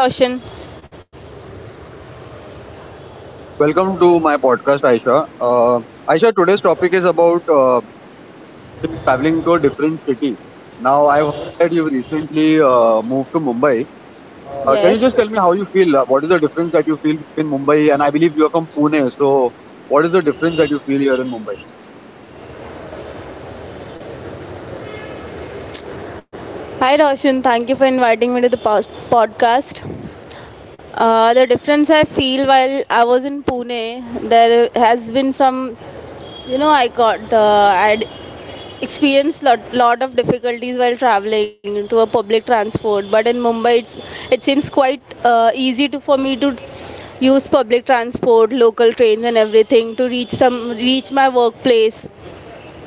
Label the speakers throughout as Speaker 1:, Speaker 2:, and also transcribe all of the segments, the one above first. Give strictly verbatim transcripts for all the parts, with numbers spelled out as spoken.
Speaker 1: Hi Roshan.
Speaker 2: Welcome to my podcast, Aisha. Uh, Aisha, today's topic is about uh, traveling to a different city. Now, I've heard that you recently uh, moved to Mumbai. Uh, can you just
Speaker 1: Yes.
Speaker 2: tell me how you feel? Uh, What is the difference that you feel between Mumbai and I believe you're from Pune? So, what is the difference that you feel here in Mumbai?
Speaker 1: Hi Roshan, thank you for inviting me to the pos- podcast. Uh, the difference I feel while I was in Pune, there has been some, you know, I got, uh, I'd experienced lot, lot of difficulties while traveling to a public transport. But in Mumbai, it's, it seems quite uh, easy to for me to use public transport, local trains, and everything to reach some reach my workplace.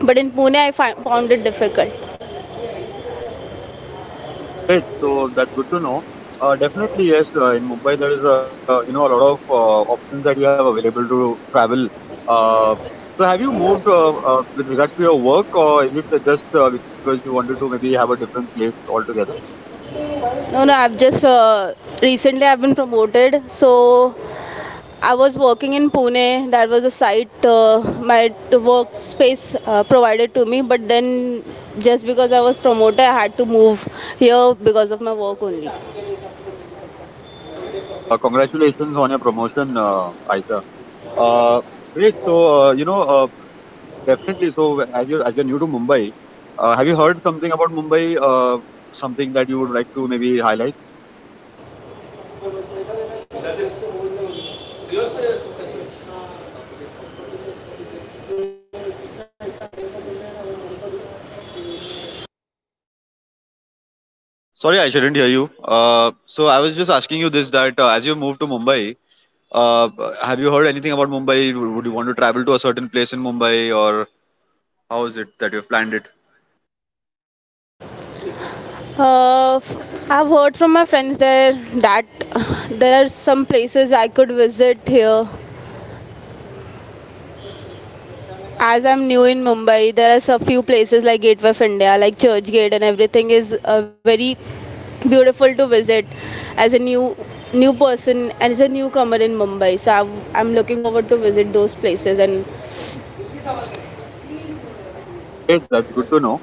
Speaker 1: But in Pune, I fi- found it difficult.
Speaker 2: Great. So that's good to know. Uh, definitely, yes. Uh, in Mumbai, there is a you know a lot of uh, options that you have available to travel. Uh, so have you moved uh, uh, with regards to your work, or is it just uh, because you wanted to maybe have a different place altogether?
Speaker 1: No, no, I've just uh, recently I've been promoted. So I was working in Pune. That was a site uh, my workspace uh, provided to me. But then, just because I was promoted, I had to move here because of my work only.
Speaker 2: Uh, congratulations on your promotion, uh, Aisha. Uh, great. So uh, you know, uh, definitely. So as you as you're new to Mumbai, uh, have you heard something about Mumbai? Uh, something that you would like to maybe highlight? Sorry, I shouldn't hear you. Uh, so I was just asking you this that uh, as you moved to Mumbai, uh, have you heard anything about Mumbai? Would would you want to travel to a certain place in Mumbai, or how is it that you've planned it?
Speaker 1: Uh, f- I've heard from my friends there that uh, there are some places I could visit here as I'm new in Mumbai. There are so few places like Gateway of India, like Churchgate, and everything is uh, very beautiful to visit as a new new person and as a newcomer in Mumbai. So I've, I'm looking forward to visit those places. And
Speaker 2: Great, that's good to know.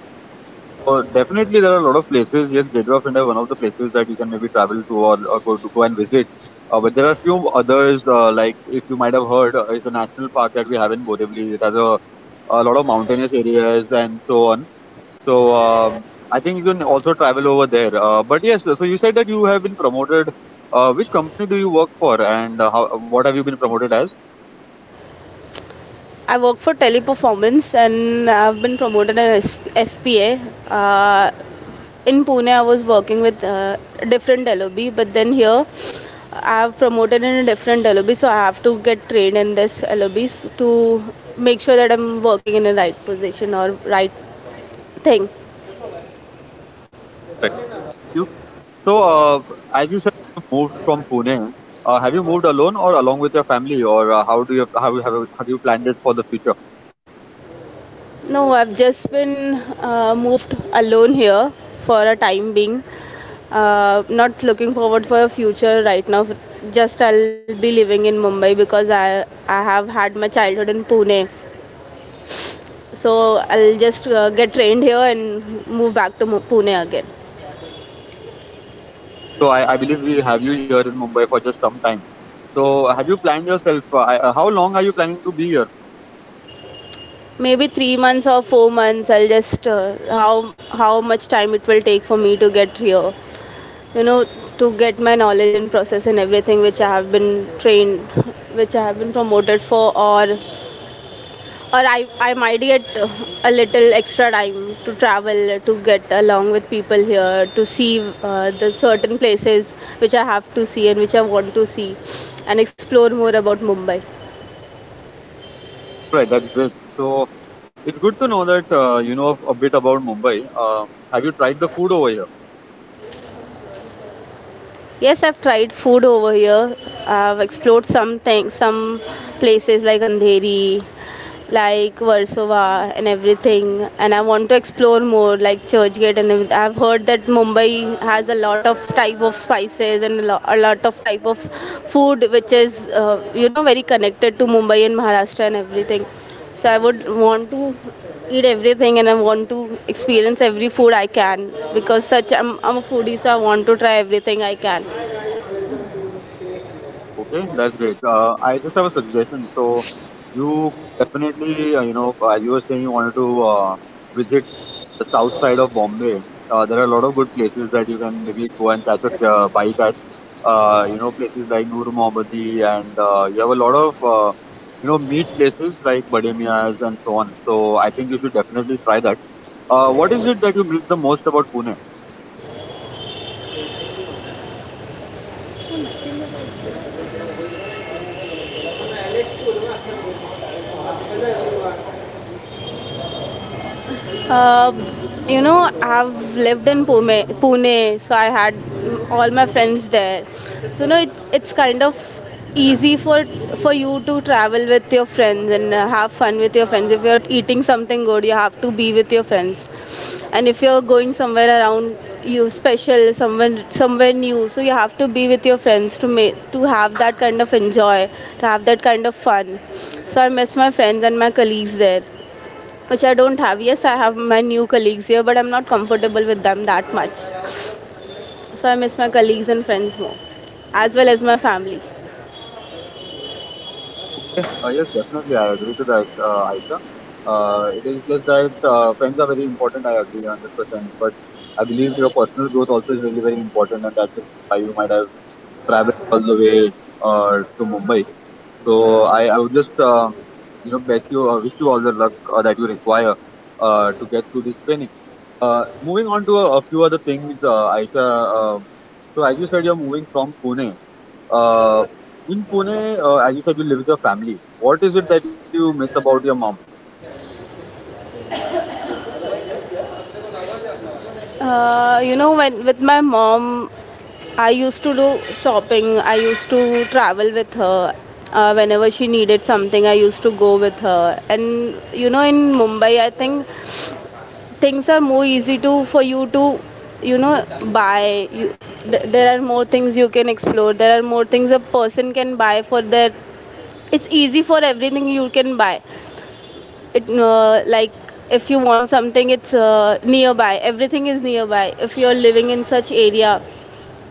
Speaker 2: So definitely there are a lot of places. Yes, Gateway of India is one of the places that you can maybe travel to or, or go to go and visit. Uh, but there are few others uh, like if you might have heard, uh, it's a national park that we have in Borivali. It has a a lot of mountainous areas and so on. So um, I think you can also travel over there. Uh, but yes, so you said that you have been promoted. Uh, which company do you work for, and uh, how, what have you been promoted as?
Speaker 1: I work for Teleperformance, and I've been promoted as F P A. Uh, in Pune, I was working with uh, a different L O B, but then here I have promoted in a different L O B, so I have to get trained in this L O B s- to make sure that I'm working in the right position or right thing.
Speaker 2: Correct. You so uh, as you said, you moved from Pune. Uh, have you moved alone or along with your family, or uh, how do you how you have have you planned it for the future?
Speaker 1: No, I've just been uh, moved alone here for a time being. Uh, not looking forward for a future right now. Just I'll be living in Mumbai because I I have had my childhood in Pune. So I'll just uh, get trained here and move back to Pune again.
Speaker 2: So I, I believe we have you here in Mumbai for just some time. So have you planned yourself? Uh, I- uh, how long are you planning to be here?
Speaker 1: Maybe three months or four months. I'll just uh, how how much time it will take for me to get here. You know, to get my knowledge and process and everything which I have been trained, which I have been promoted for, or or I I might get uh, a little extra time to travel to get along with people here to see uh, the certain places which I have to see and which I want to see, and explore more about Mumbai.
Speaker 2: Right, that's great. So it's good to know that uh, you know a bit about Mumbai. Uh, have you tried the food over here?
Speaker 1: Yes, I've tried food over here. I've explored some things some places like Andheri, like Warsaw, and everything. And I want to explore more like Churchgate and everyth- I've heard that Mumbai has a lot of type of spices and a lo- a lot of type of food which is uh, you know very connected to Mumbai and Maharashtra and everything. So I would want to eat everything, and I want to experience every food I can because such i'm, I'm a foodie. So I want to try everything I can.
Speaker 2: Okay, that's great. Uh, I just have a suggestion. So you definitely, uh, you know, uh, you were saying you wanted to uh, visit the south side of Bombay. Uh, there are a lot of good places that you can maybe go and catch a uh, bike at. Uh, you know, places like Noor Mohammadi and uh, you have a lot of uh, you know meat places like Bade Mia's and so on. So I think you should definitely try that. Uh, what is it that you miss the most about Pune?
Speaker 1: Uh, you know, I've lived in Pune, Pune, so I had mm, all my friends there. So you know, it, it's kind of easy for for you to travel with your friends and uh, have fun with your friends. If you're eating something good, you have to be with your friends, and if you're going somewhere around you special someone somewhere new, so you have to be with your friends to make to have that kind of enjoy to have that kind of fun. So I miss my friends and my colleagues there, which I don't have. Yes, I have my new colleagues here, but I'm not comfortable with them that much. So I miss my colleagues and friends more, as well as my family.
Speaker 2: Uh, yes, definitely, I agree to that, uh, Aisha. Uh, it is just that uh, friends are very important. I agree a hundred percent. But I believe your personal growth also is really very important, and that's why you might have traveled all the way uh, to Mumbai. So I, I would just uh, you know best you uh, wish you all the luck uh, that you require uh, to get through this training. Uh, moving on to a, a few other things, uh, Aisha. Um, so as you said, you're moving from Pune. Uh, in Pune, uh, as you said, you live with your family. What is it that you miss about your mom?
Speaker 1: Uh, you know, when with my mom, I used to do shopping. I used to travel with her. Uh, whenever she needed something, I used to go with her. And you know, in Mumbai, I think things are more easy to for you to you know buy you, th- there are more things you can explore. There are more things a person can buy for their it's easy for everything you can buy it uh, like if you want something it's uh, nearby. Everything is nearby if you're living in such area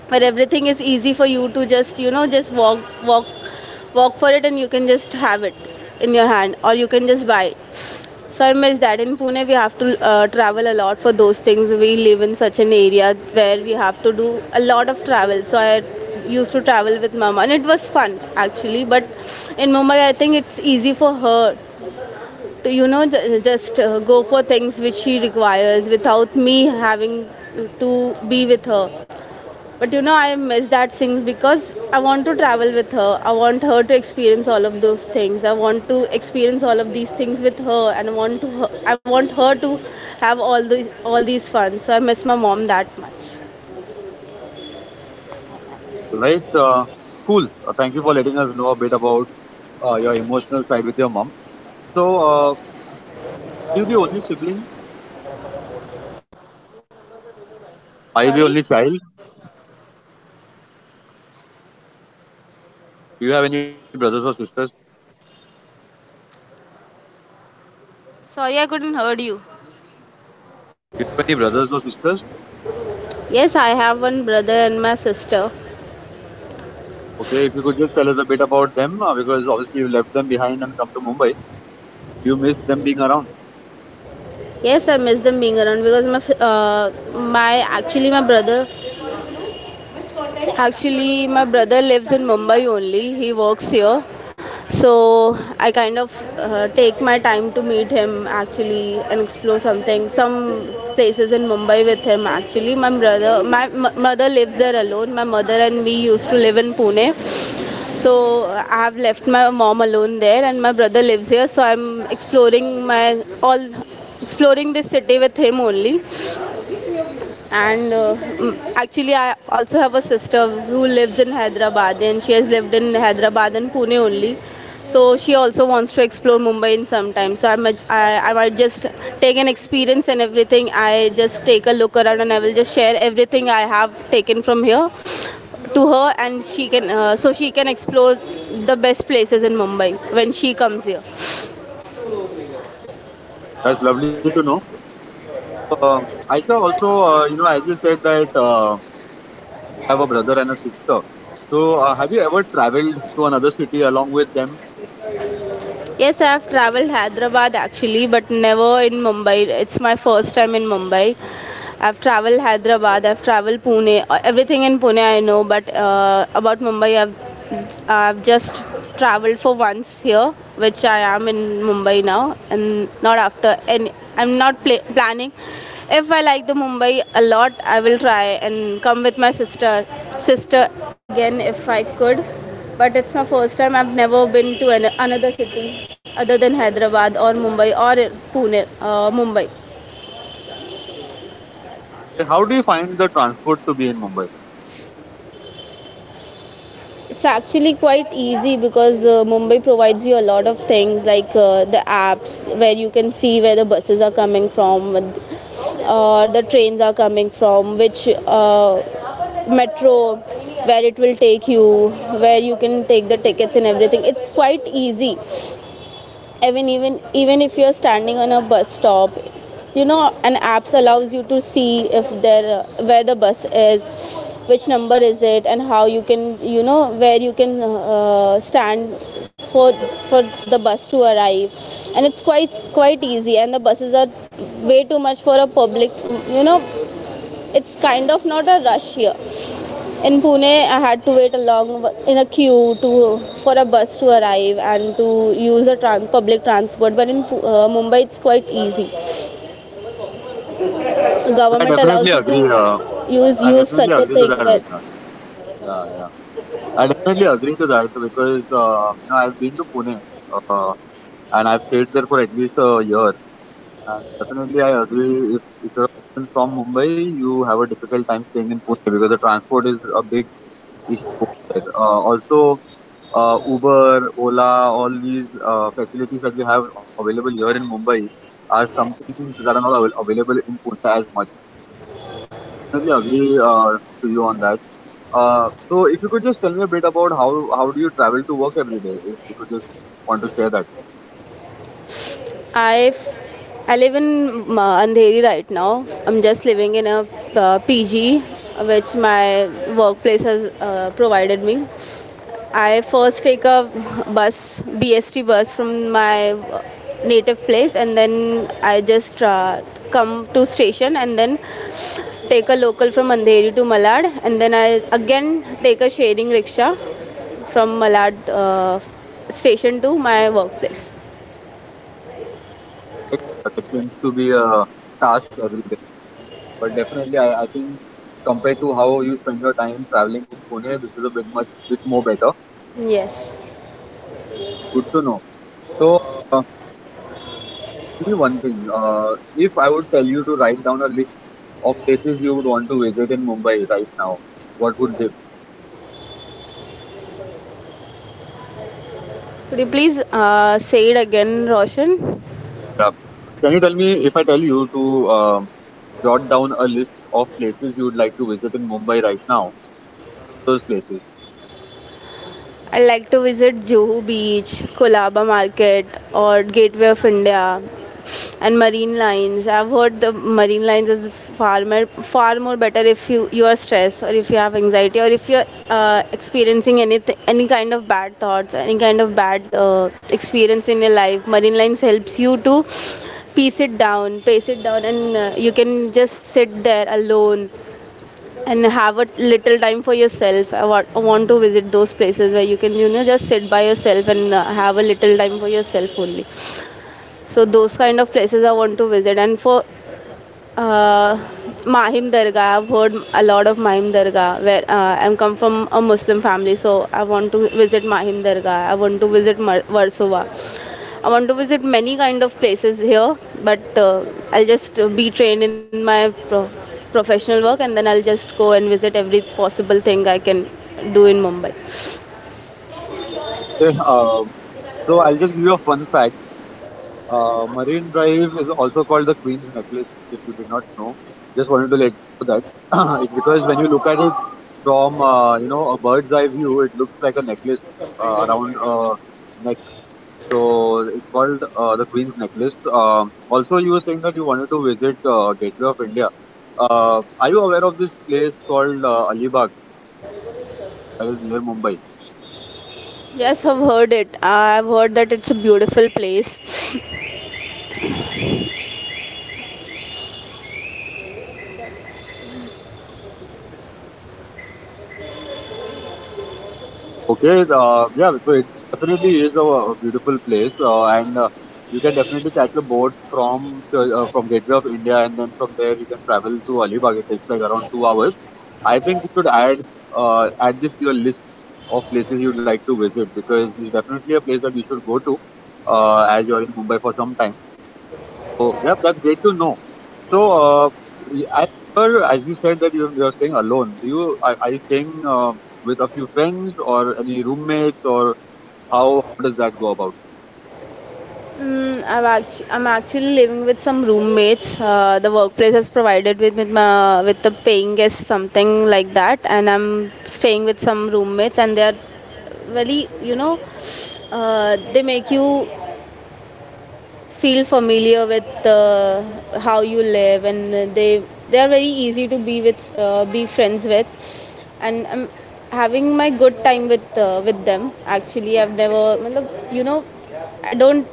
Speaker 1: where everything is easy for you to just you know just walk walk walk for it and you can just have it in your hand, or you can just buy it. So I miss that. In Pune, we have to uh, travel a lot for those things. We live in such an area where we have to do a lot of travel. So I used to travel with Mama, and it was fun actually. But in Mumbai, I think it's easy for her to, you know, just uh, go for things which she requires without me having to be with her. But you know, I miss that thing because I want to travel with her. I want her to experience all of those things. I want to experience all of these things with her, and I want to I want her to have all the all these fun. So I miss my mom that much.
Speaker 2: Right? Uh, cool. Uh, thank you for letting us know a bit about uh, your emotional side with your mom. So, uh, you the only sibling? Are you the only child? Do you have any brothers or sisters? Do you have any brothers or sisters?
Speaker 1: Have one brother and my sister.
Speaker 2: Okay, if you could just tell us a bit about them, uh, because obviously you left them behind and come to Mumbai. You miss them being around.
Speaker 1: Yes, I miss them being around because my uh, my actually my brother actually my brother lives in Mumbai only. He works here, so I kind of uh, take my time to meet him actually and explore something some places in Mumbai with him. Actually my brother my m- mother lives there alone. My mother and me used to live in Pune, so I have left my mom alone there, and my brother lives here. So I'm exploring my all exploring this city with him only. And uh, mm, actually I also have a sister who lives in Hyderabad, and she has lived in Hyderabad and Pune only. So she also wants to explore Mumbai in some time. So I might, I, I might just take an experience and everything. I just take a look around, and I will just share everything I have taken from here to her, and she can uh, so she can explore the best places in Mumbai when she comes here.
Speaker 2: That's lovely to know. Um, Aisha, also, uh, you know, as you said that. Uh, have a brother and a sister. So, uh, have you ever traveled to another city along with them?
Speaker 1: Yes, I have traveled Hyderabad actually, but never in Mumbai. It's my first time in Mumbai. I've traveled Hyderabad, I've traveled Pune, uh, everything in Pune I know, but uh, about Mumbai, I've, I've just traveled for once here, which I am in Mumbai now, and not after any. I'm not pla planning. If I like the Mumbai a lot, I will try and come with my sister, sister again if I could. But it's my first time. I've never been to an- another city other than Hyderabad or Mumbai or Pune, uh, Mumbai.
Speaker 2: How do you find the transport to be in Mumbai?
Speaker 1: It's actually quite easy because uh, Mumbai provides you a lot of things like uh, the apps where you can see where the buses are coming from or the trains are coming from, which uh, metro where it will take you, where you can take the tickets and everything. It's quite easy even even even if you're standing on a bus stop. You know an apps allows you to see if there uh, where the bus is, which number is it and how you can you know where you can uh, stand for for the bus to arrive. And it's quite quite easy and the buses are way too much for a public, you know. It's kind of not a rush here. In Pune, I had to wait a long in a queue to for a bus to arrive and to use a trans, public transport. But in uh, Mumbai it's quite easy. The
Speaker 2: I
Speaker 1: government allows
Speaker 2: definitely
Speaker 1: you
Speaker 2: agree.
Speaker 1: to
Speaker 2: Uh,
Speaker 1: use
Speaker 2: I
Speaker 1: use
Speaker 2: definitely
Speaker 1: such a
Speaker 2: agree to
Speaker 1: thing
Speaker 2: that, right?
Speaker 1: where
Speaker 2: Now, yeah, yeah, I definitely agree to that because uh, you know I've been to Pune uh, and I've stayed there for at least a year. And definitely, I agree. If, if you're a person from Mumbai, you have a difficult time staying in Pune because the transport is a big issue there. Uh, also, uh, Uber, Ola, all these uh, facilities that we have available here in Mumbai are something that are not avail- available in Pune as much. Definitely agree uh, to you on that. Uh, so if you could just tell me a bit about how how do you travel to work every day? If you could just want to share that,
Speaker 1: I I live in um, uh, Andheri right now. I'm just living in a uh, P G which my workplace has uh, provided me. I first take a bus, B S T bus from my native place, and then I just uh, come to station, and then take a local from Andheri to Malad, and then I again take a sharing rickshaw from Malad uh, station to my workplace.
Speaker 2: it seems to be a task every day, but definitely I, I think compared to how you spend your time traveling in Pune, this is a bit much bit more better.
Speaker 1: Yes.
Speaker 2: Good to know. So, uh, tell me one thing. Uh, if I would tell you to write down a list of places you would want to visit in Mumbai right now, what would they be?
Speaker 1: Could you please uh, say it again, Roshan?
Speaker 2: Uh, Can you tell me if I tell you to um jot down a list of places you would like to visit in Mumbai right now? Those places.
Speaker 1: I like to visit Juhu Beach, Kolaba Market, or Gateway of India, and Marine Lines. I've heard the Marine Lines is far more far more better if you you are stressed or if you have anxiety or if you're uh, experiencing any any kind of bad thoughts, any kind of bad uh, experience in your life. Marine Lines helps you to piece it down, pace it down, and uh, you can just sit there alone and have a little time for yourself. i want, I want to visit those places where you can you know just sit by yourself and uh, have a little time for yourself only, so those kind of places I want to visit. And for uh, Mahim Dargah, I've heard a lot of Mahim Dargah, where uh, I'm come from a Muslim family, so I want to visit Mahim Dargah. I want to visit Mar- Warsaw. I want to visit many kind of places here, but uh, I'll just uh, be trained in my pro- professional work, and then I'll just go and visit every possible thing I can do in Mumbai.
Speaker 2: Okay, um, so I'll just give you a fun fact. Uh, Marine Drive is also called the Queen's Necklace, if you did not know. Just wanted to let you know that. It's because when you look at it from, uh, you know, a bird's eye view, it looks like a necklace uh, around a neck. So it's called uh, the Queen's Necklace. Um, also, you were saying that you wanted to visit uh, Gateway of India. Uh, are you aware of this place called uh, Alibag that is near Mumbai?
Speaker 1: Yes, I've heard it. I've heard that it's a beautiful place.
Speaker 2: Okay, uh, yeah, so it definitely is a, a beautiful place, uh, and uh, you can definitely catch a boat from uh, uh, from Gateway of India, and then from there you can travel to Alibag. It takes like around two hours. I think you should add uh, add this to your list of places you'd like to visit because it's definitely a place that you should go to uh, as you're in Mumbai for some time. So, yeah, that's great to know. So, uh, I remember, as you said, that you you're staying alone. Do you are, are you staying uh, with a few friends or any roommates, or how does that go about?
Speaker 1: Mm, I've actu- I'm actually living with some roommates. Uh, the workplace has provided with with, my, with the paying guest, something like that, and I'm staying with some roommates, and they are really, you know, uh, they make you feel familiar with uh, how you live, and they they are very easy to be with, uh, be friends with, and I'm having my good time with uh, with them. Actually, I've never matlab, you know I don't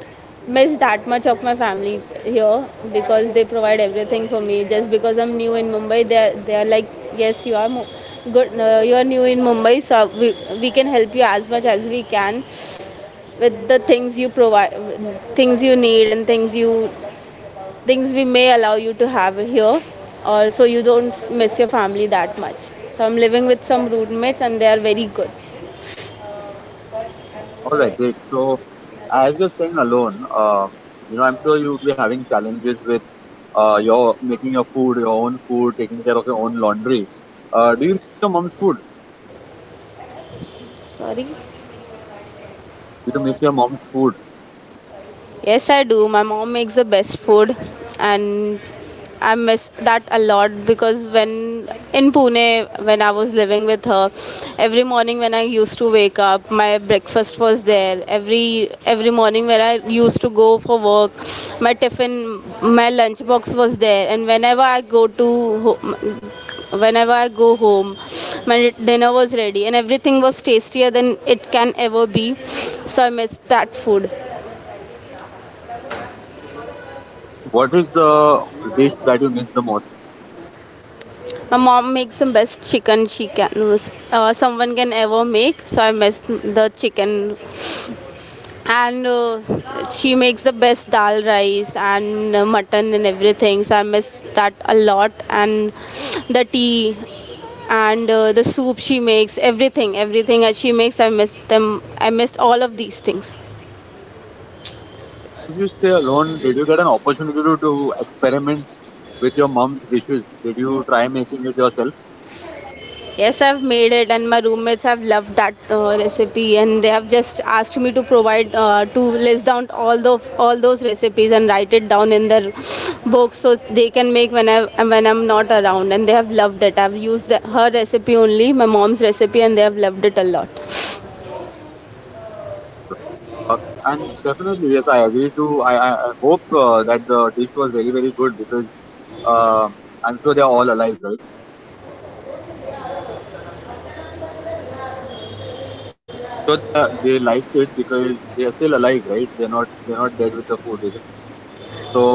Speaker 1: miss that much of my family here because they provide everything for me. Just because I'm new in Mumbai, they are, they are like, yes, you are mo- good, uh, you are new in Mumbai, so we, we can help you as much as we can with the things you provide, things you need, and things you things we may allow you to have here, or so you don't miss your family that much. So I'm living with some roommates, and they are very good.
Speaker 2: All right, great. So, as you're staying alone, um, you know, I'm sure you'll be having challenges with uh, your making your food, your own food, taking care of your own laundry. Uh, do you miss your mom's food?
Speaker 1: Sorry.
Speaker 2: Do you miss your mom's food?
Speaker 1: Yes, I do. My mom makes the best food, and I miss that a lot because when in Pune, when I was living with her, every morning when I used to wake up, my breakfast was there. Every every morning when I used to go for work, my tiffin, my lunch box was there, and whenever I go to ho- whenever I go home, my dinner was ready, and everything was tastier than it can ever be. So I miss that food.
Speaker 2: What is the dish that you miss the most?
Speaker 1: My mom makes the best chicken she can, uh, someone can ever make. So I missed the chicken, and uh, she makes the best dal rice and uh, mutton and everything. So I miss that a lot, and the tea and uh, the soup she makes. Everything, everything that she makes, I miss them. I miss all of these things.
Speaker 2: Did you stay alone? Did you get an opportunity to, to experiment with your mom's dishes? Did you try making it yourself?
Speaker 1: Yes, I've made it, and my roommates have loved that uh, recipe, and they have just asked me to provide uh, to list down all the all those recipes and write it down in their books so they can make when I when I'm not around, and they have loved it. I've used the, her recipe only, my mom's recipe, and they have loved it a lot.
Speaker 2: Uh, and definitely, yes, I agree to. I, I, I hope uh, that the dish was very, very good because uh, I'm sure they are all alive, right? So they, they liked it because they are still alive, right? They're not they're not dead with the food, isn't it?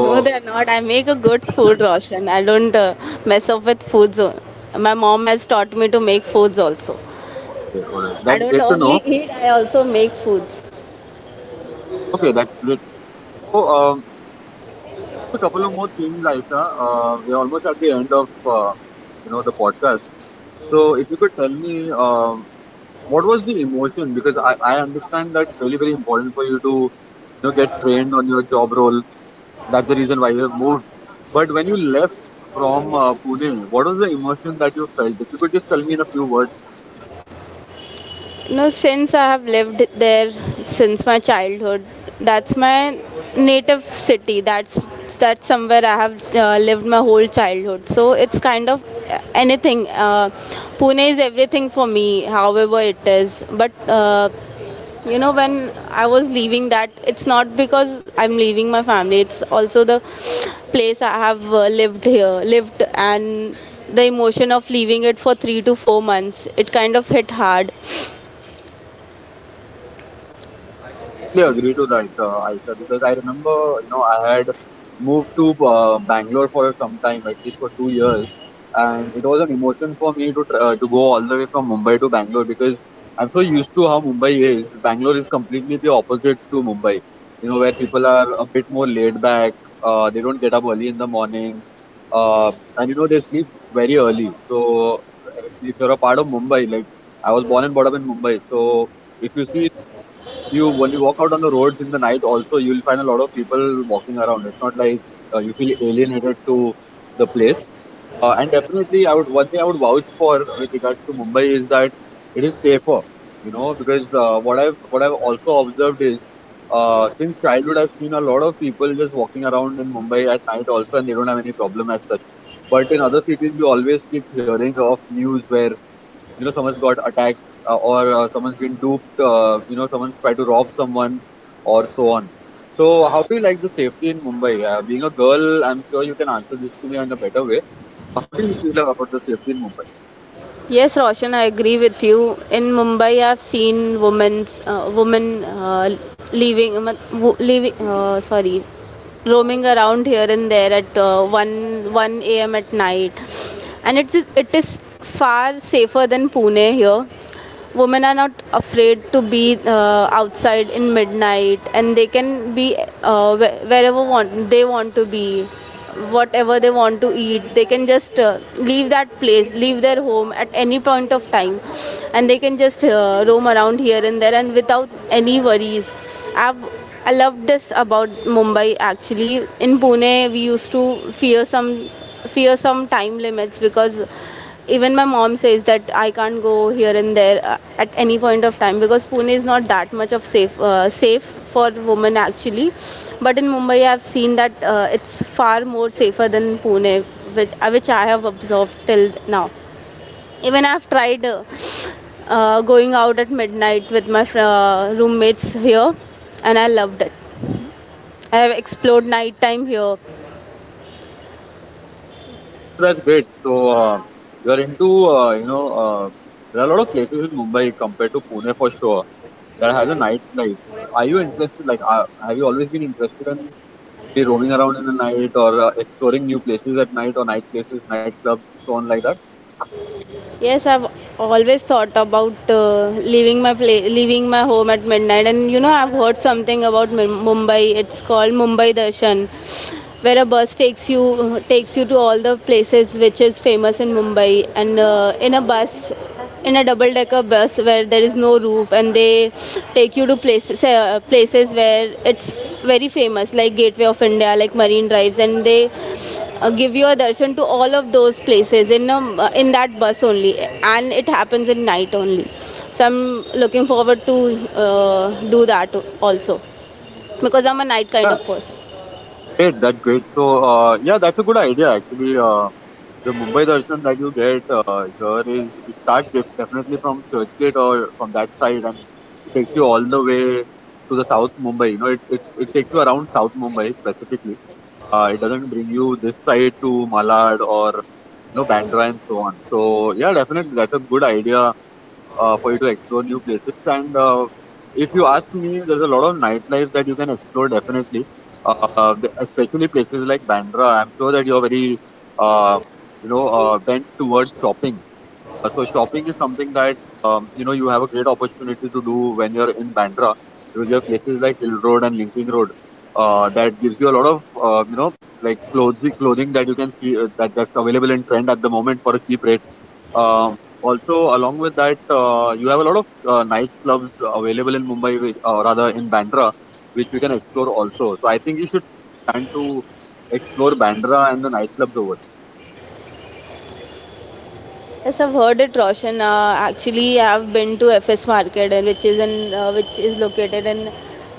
Speaker 1: No, they're not. I make a good food, Roshan. I don't uh, mess up with foods. o- My mom has taught me to make foods also.
Speaker 2: okay, all right,
Speaker 1: I
Speaker 2: that's
Speaker 1: don't
Speaker 2: great to
Speaker 1: only
Speaker 2: know.
Speaker 1: eat; I also make foods.
Speaker 2: Okay, that's great. So um, a couple of more things, Aisha. Uh, we're almost at the end of uh, you know the podcast. So, if you could tell me, um, what was the emotion? Because I, I understand that's really very important for you to you know get trained on your job role. That's the reason why you have moved. But when you left from uh, Pune, what was the emotion that you felt? If you could just tell me in a few words.
Speaker 1: No, since I have lived there since my childhood, that's my native city. That's that's somewhere I have uh, lived my whole childhood. So it's kind of uh, anything. Uh, Pune is everything for me, however it is. But uh, you know, when I was leaving that, it's not because I'm leaving my family. It's also the place I have uh, lived here, lived, and the emotion of leaving it for three to four months, it kind of hit hard.
Speaker 2: Completely agree to that, uh, Aisha, because I remember, you know, I had moved to uh, Bangalore for some time, at least for two years, and it was an emotion for me to tr- uh, to go all the way from Mumbai to Bangalore because I'm so used to how Mumbai is. Bangalore is completely the opposite to Mumbai, you know, where people are a bit more laid back. Uh, they don't get up early in the morning, uh, and you know they sleep very early. So if you're a part of Mumbai, like I was born and brought up in Mumbai, so if you see you when you walk out on the roads in the night also you'll find a lot of people walking around. It's not like uh, you feel alienated to the place. Uh, and definitely I would, one thing I would vouch for with regards to Mumbai is that it is safer, you know, because uh, what i've what i've also observed is uh, since childhood I've seen a lot of people just walking around in Mumbai at night also, and they don't have any problem as such. But in other cities we always keep hearing of news where, you know, someone's got attacked, uh, or uh, someone's been duped, uh, you know, someone's tried to rob someone or so on. So how do you like the safety in Mumbai? Uh, being a girl, I'm sure you can answer this to me in a better way. How do you feel about the safety in Mumbai?
Speaker 1: Yes, Roshan, I agree with you. In Mumbai, I've seen women's uh, women uh, leaving, um, wo- leaving. Uh, sorry, roaming around here and there at uh, one one a m at night, and it's it is far safer than Pune. Here women are not afraid to be uh, outside in midnight, and they can be uh, wh- wherever want they want to be, whatever they want to eat. They can just uh, leave that place, leave their home at any point of time, and they can just uh, roam around here and there, and without any worries. i've I love this about Mumbai. Actually, in Pune we used to fear some fear some time limits because even my mom says that I can't go here and there uh, at any point of time, because Pune is not that much of safe uh, safe for women actually. But in Mumbai, I've seen that uh, it's far more safer than Pune, which uh, which I have observed till now. Even I've tried uh, uh, going out at midnight with my fr- uh, roommates here, and I loved it. I have explored night time here.
Speaker 2: So, that's great. So uh, you are into uh, you know, uh, there are a lot of places in Mumbai compared to Pune for sure that has a nightlife. Are you interested, like uh, have you always been interested in be roaming around in the night, or uh, exploring new places at night, or night places, nightclubs, so on like that?
Speaker 1: Yes, I've always thought about uh, leaving my pla leaving my home at midnight, and you know, I've heard something about Mum- Mumbai. It's called Mumbai Darshan, where a bus takes you takes you to all the places which is famous in Mumbai, and uh, in a bus, in a double decker bus where there is no roof, and they take you to places uh, places where it's very famous, like Gateway of India, like Marine Drives, and they uh, give you a darshan to all of those places in a, in that bus only, and it happens in night only. So I'm looking forward to uh, do that also, because I'm a night kind
Speaker 2: Yeah.
Speaker 1: of person.
Speaker 2: Great, that's great. So, uh, yeah, that's a good idea actually. Uh, the Mumbai darshan that you get uh, here, is it starts def- definitely from Churchgate or from that side, and it takes you all the way to the South Mumbai. You know, it it, it takes you around South Mumbai specifically. Uh, it doesn't bring you this side to Malad, or you know Bandra and so on. So, yeah, definitely that's a good idea, uh, for you to explore new places. And uh, if you ask me, there's a lot of nightlife that you can explore definitely, uh, the- especially places like Bandra. I'm sure that you're very, uh, you know, uh, bent towards shopping. Uh, So shopping is something that um, you know, you have a great opportunity to do when you're in Bandra, because you have places like Hill Road and Linking Road uh, that gives you a lot of uh, you know, like clothes clothing that you can see uh, that that's available in trend at the moment for a cheap rate. Um, also, along with that, uh, you have a lot of uh, nightclubs available in Mumbai, which- uh, rather in Bandra, which we can explore also. So I think you should plan to explore Bandra and the nightclubs over
Speaker 1: Yes, I've heard it, Roshan. Uh, actually, I've been to F S Market, and which is in uh, which is located in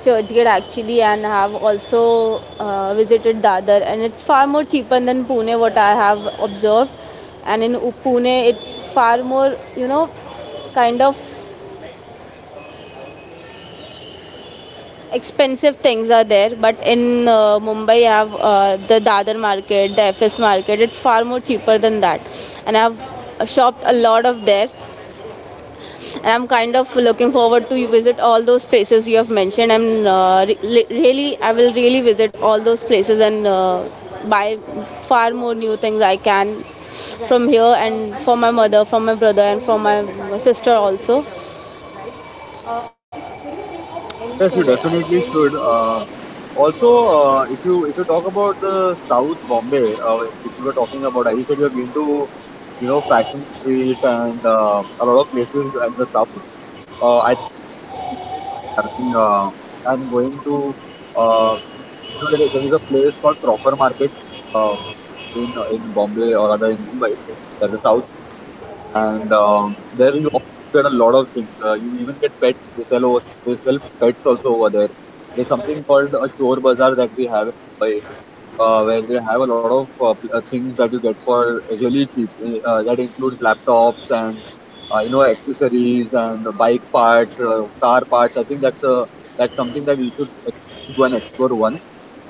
Speaker 1: Churchgate actually, and have also uh, visited Dadar, and it's far more cheaper than Pune, what I have observed. And in U- Pune, it's far more, you know, kind of expensive things are there. But in uh, Mumbai, I have uh, the Dadar Market, the F S Market, it's far more cheaper than that, and I've shopped a lot of there, and I'm kind of looking forward to visit all those places you have mentioned, and uh, re- really I will really visit all those places, and uh, buy far more new things I can from here, and for my mother, from my brother, and from my sister also.
Speaker 2: there. Yes, you definitely should. Uh, also, uh, if you, if you talk about the South Bombay, uh, which we were talking about, as you said, you have been to, you know, Fashion Street and uh, a lot of places in the South. Uh, I having uh, and going to uh, you know, there, there is a place called Proper Market uh, in in Bombay, or rather in Mumbai, that is south, and um, there you also get a lot of things. Uh, you even get pets. They sell over, they sell pets also over there. There's something called a Chor Bazaar that we have in Mumbai, uh, where they have a lot of uh, pl- uh, things that you get for really cheap. Uh, that includes laptops and uh, you know, accessories and bike parts, uh, car parts. I think that's uh, that's something that you should go and explore once.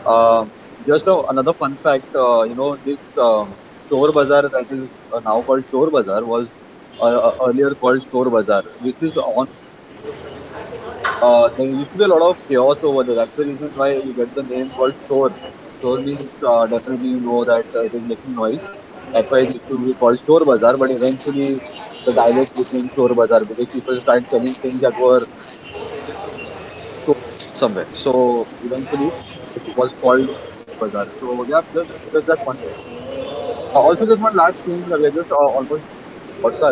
Speaker 2: Um just a, another fun fact, uh, you know, this um Chor Bazaar that is uh, now called Chor Bazaar was uh, uh, earlier called Chor Bazaar. This is uh, there used to be a lot of chaos over there. That's the reason why you get the name called Shore. Shore means uh, definitely, you know, that uh, it is making noise. That's why it used to be called Shore Bazaar. But eventually the dialect became Shore Bazaar because people started selling things that were stolen somewhere. So eventually it was called Bazaar. So yeah, just just that one. Uh, also, just one last thing. uh, We are just uh, almost podcast.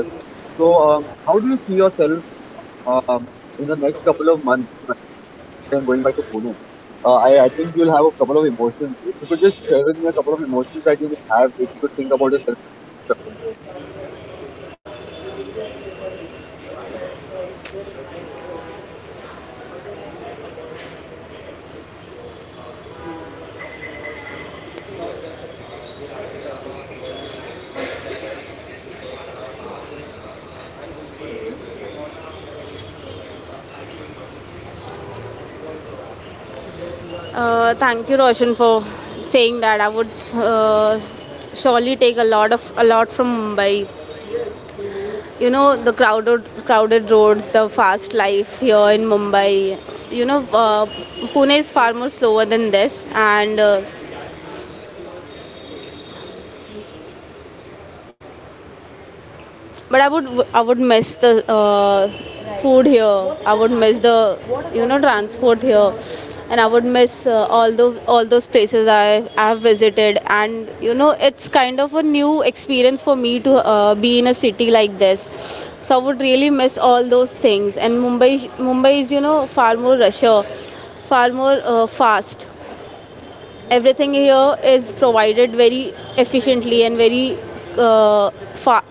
Speaker 2: So um, how do you see yourself, um, in the next couple of months? And going back to Pune. Uh, I, I think you'll have a couple of emotions. If you could just share with me a couple of emotions that you may have, if you could think about yourself.
Speaker 1: uh, Thank you, Roshan, for saying that. I would uh, surely take a lot of, a lot from Mumbai, you know, the crowded crowded roads, the fast life here in Mumbai, you know. uh, Pune is far more slower than this, and uh, but I would, I would miss the uh, food here. I would miss the, you know, transport here, and I would miss uh, all the all those places I I have visited. And you know, it's kind of a new experience for me to uh, be in a city like this. So I would really miss all those things. And Mumbai Mumbai is, you know, far more rusher, far more uh, fast. Everything here is provided very efficiently and very uh, fa-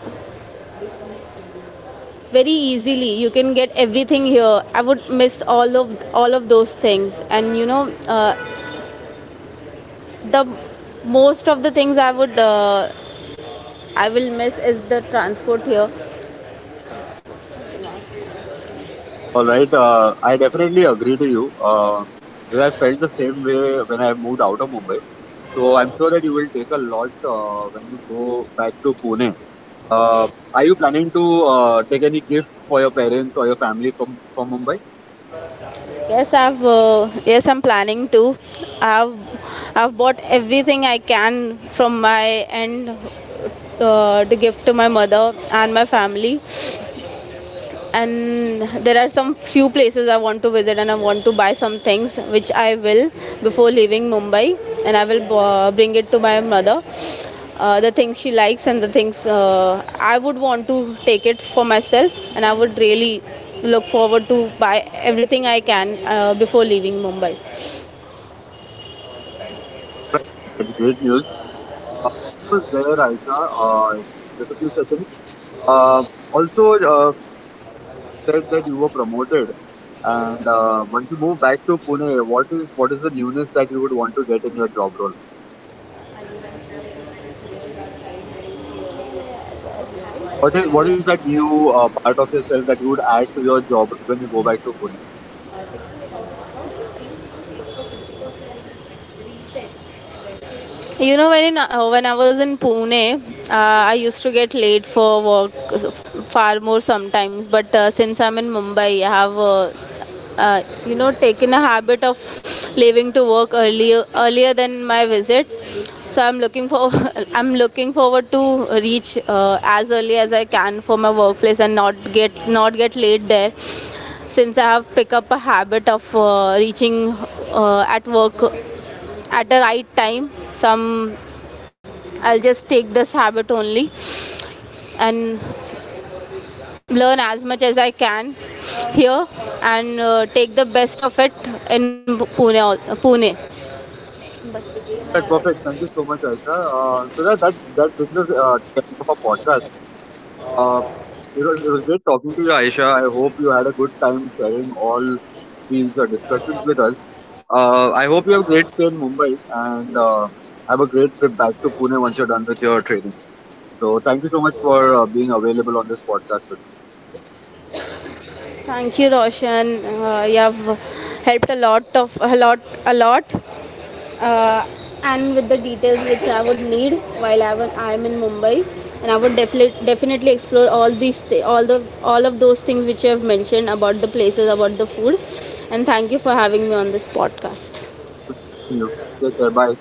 Speaker 1: very easily. You can get everything here. I would miss all of all of those things, and you know, uh, the most of the things I would uh, I will miss is the transport here.
Speaker 2: All right. Uh, I definitely agree to you. Uh, where I felt the same way when I moved out of Mumbai. So I'm sure that you will take a lot uh, when you go back to Pune. Uh, are you planning to uh, take any gifts for your parents or your family from, from Mumbai?
Speaker 1: Yes i've uh, yes, I'm planning to. i've I've bought everything I can from my end uh, to give to my mother and my family, and there are some few places I want to visit, and I want to buy some things, which I will before leaving Mumbai, and I will uh, bring it to my mother, uh, the things she likes, and the things uh, I would want to take it for myself. And I would really look forward to buy everything I can uh, before leaving Mumbai.
Speaker 2: That's great news. Was there, Aisha? Uh, just a few seconds. Uh, also, uh, said that you were promoted, and uh, once you move back to Pune, what is, what is the newness that you would want to get in your job role? What is, what is that new uh, part of yourself that you would add to your job when you go back to Pune?
Speaker 1: You know, when in, uh, when I was in Pune, uh, I used to get late for work far more sometimes. But uh, since I'm in Mumbai, I have uh, uh, you know, taken a habit of leaving to work earlier, earlier than my visits. So I'm looking for I'm looking forward to reach uh, as early as I can for my workplace, and not get not get late there, since I have picked up a habit of uh, reaching uh, at work at the right time. Some I'll just take this habit only and learn as much as I can here, and uh, take the best of it in Pune. Pune.
Speaker 2: That's perfect. Thank you so much, Aisha. Uh, so that that that brings us uh, to the end of our podcast. Uh, it was it was great talking to you, Aisha. I hope you had a good time sharing all these uh, discussions with us. Uh, I hope you have a great stay in Mumbai, and uh, have a great trip back to Pune once you're done with your training. So thank you so much for uh, being available on this podcast today.
Speaker 1: Thank you, Roshan. Uh, you have helped a lot of, a lot a lot, uh, and with the details which I would need while I am in Mumbai, and I would definitely definitely explore all these all the all of those things which you have mentioned about the places, about the food, and thank you for having me on this podcast.
Speaker 2: Thank you. Take care. Bye.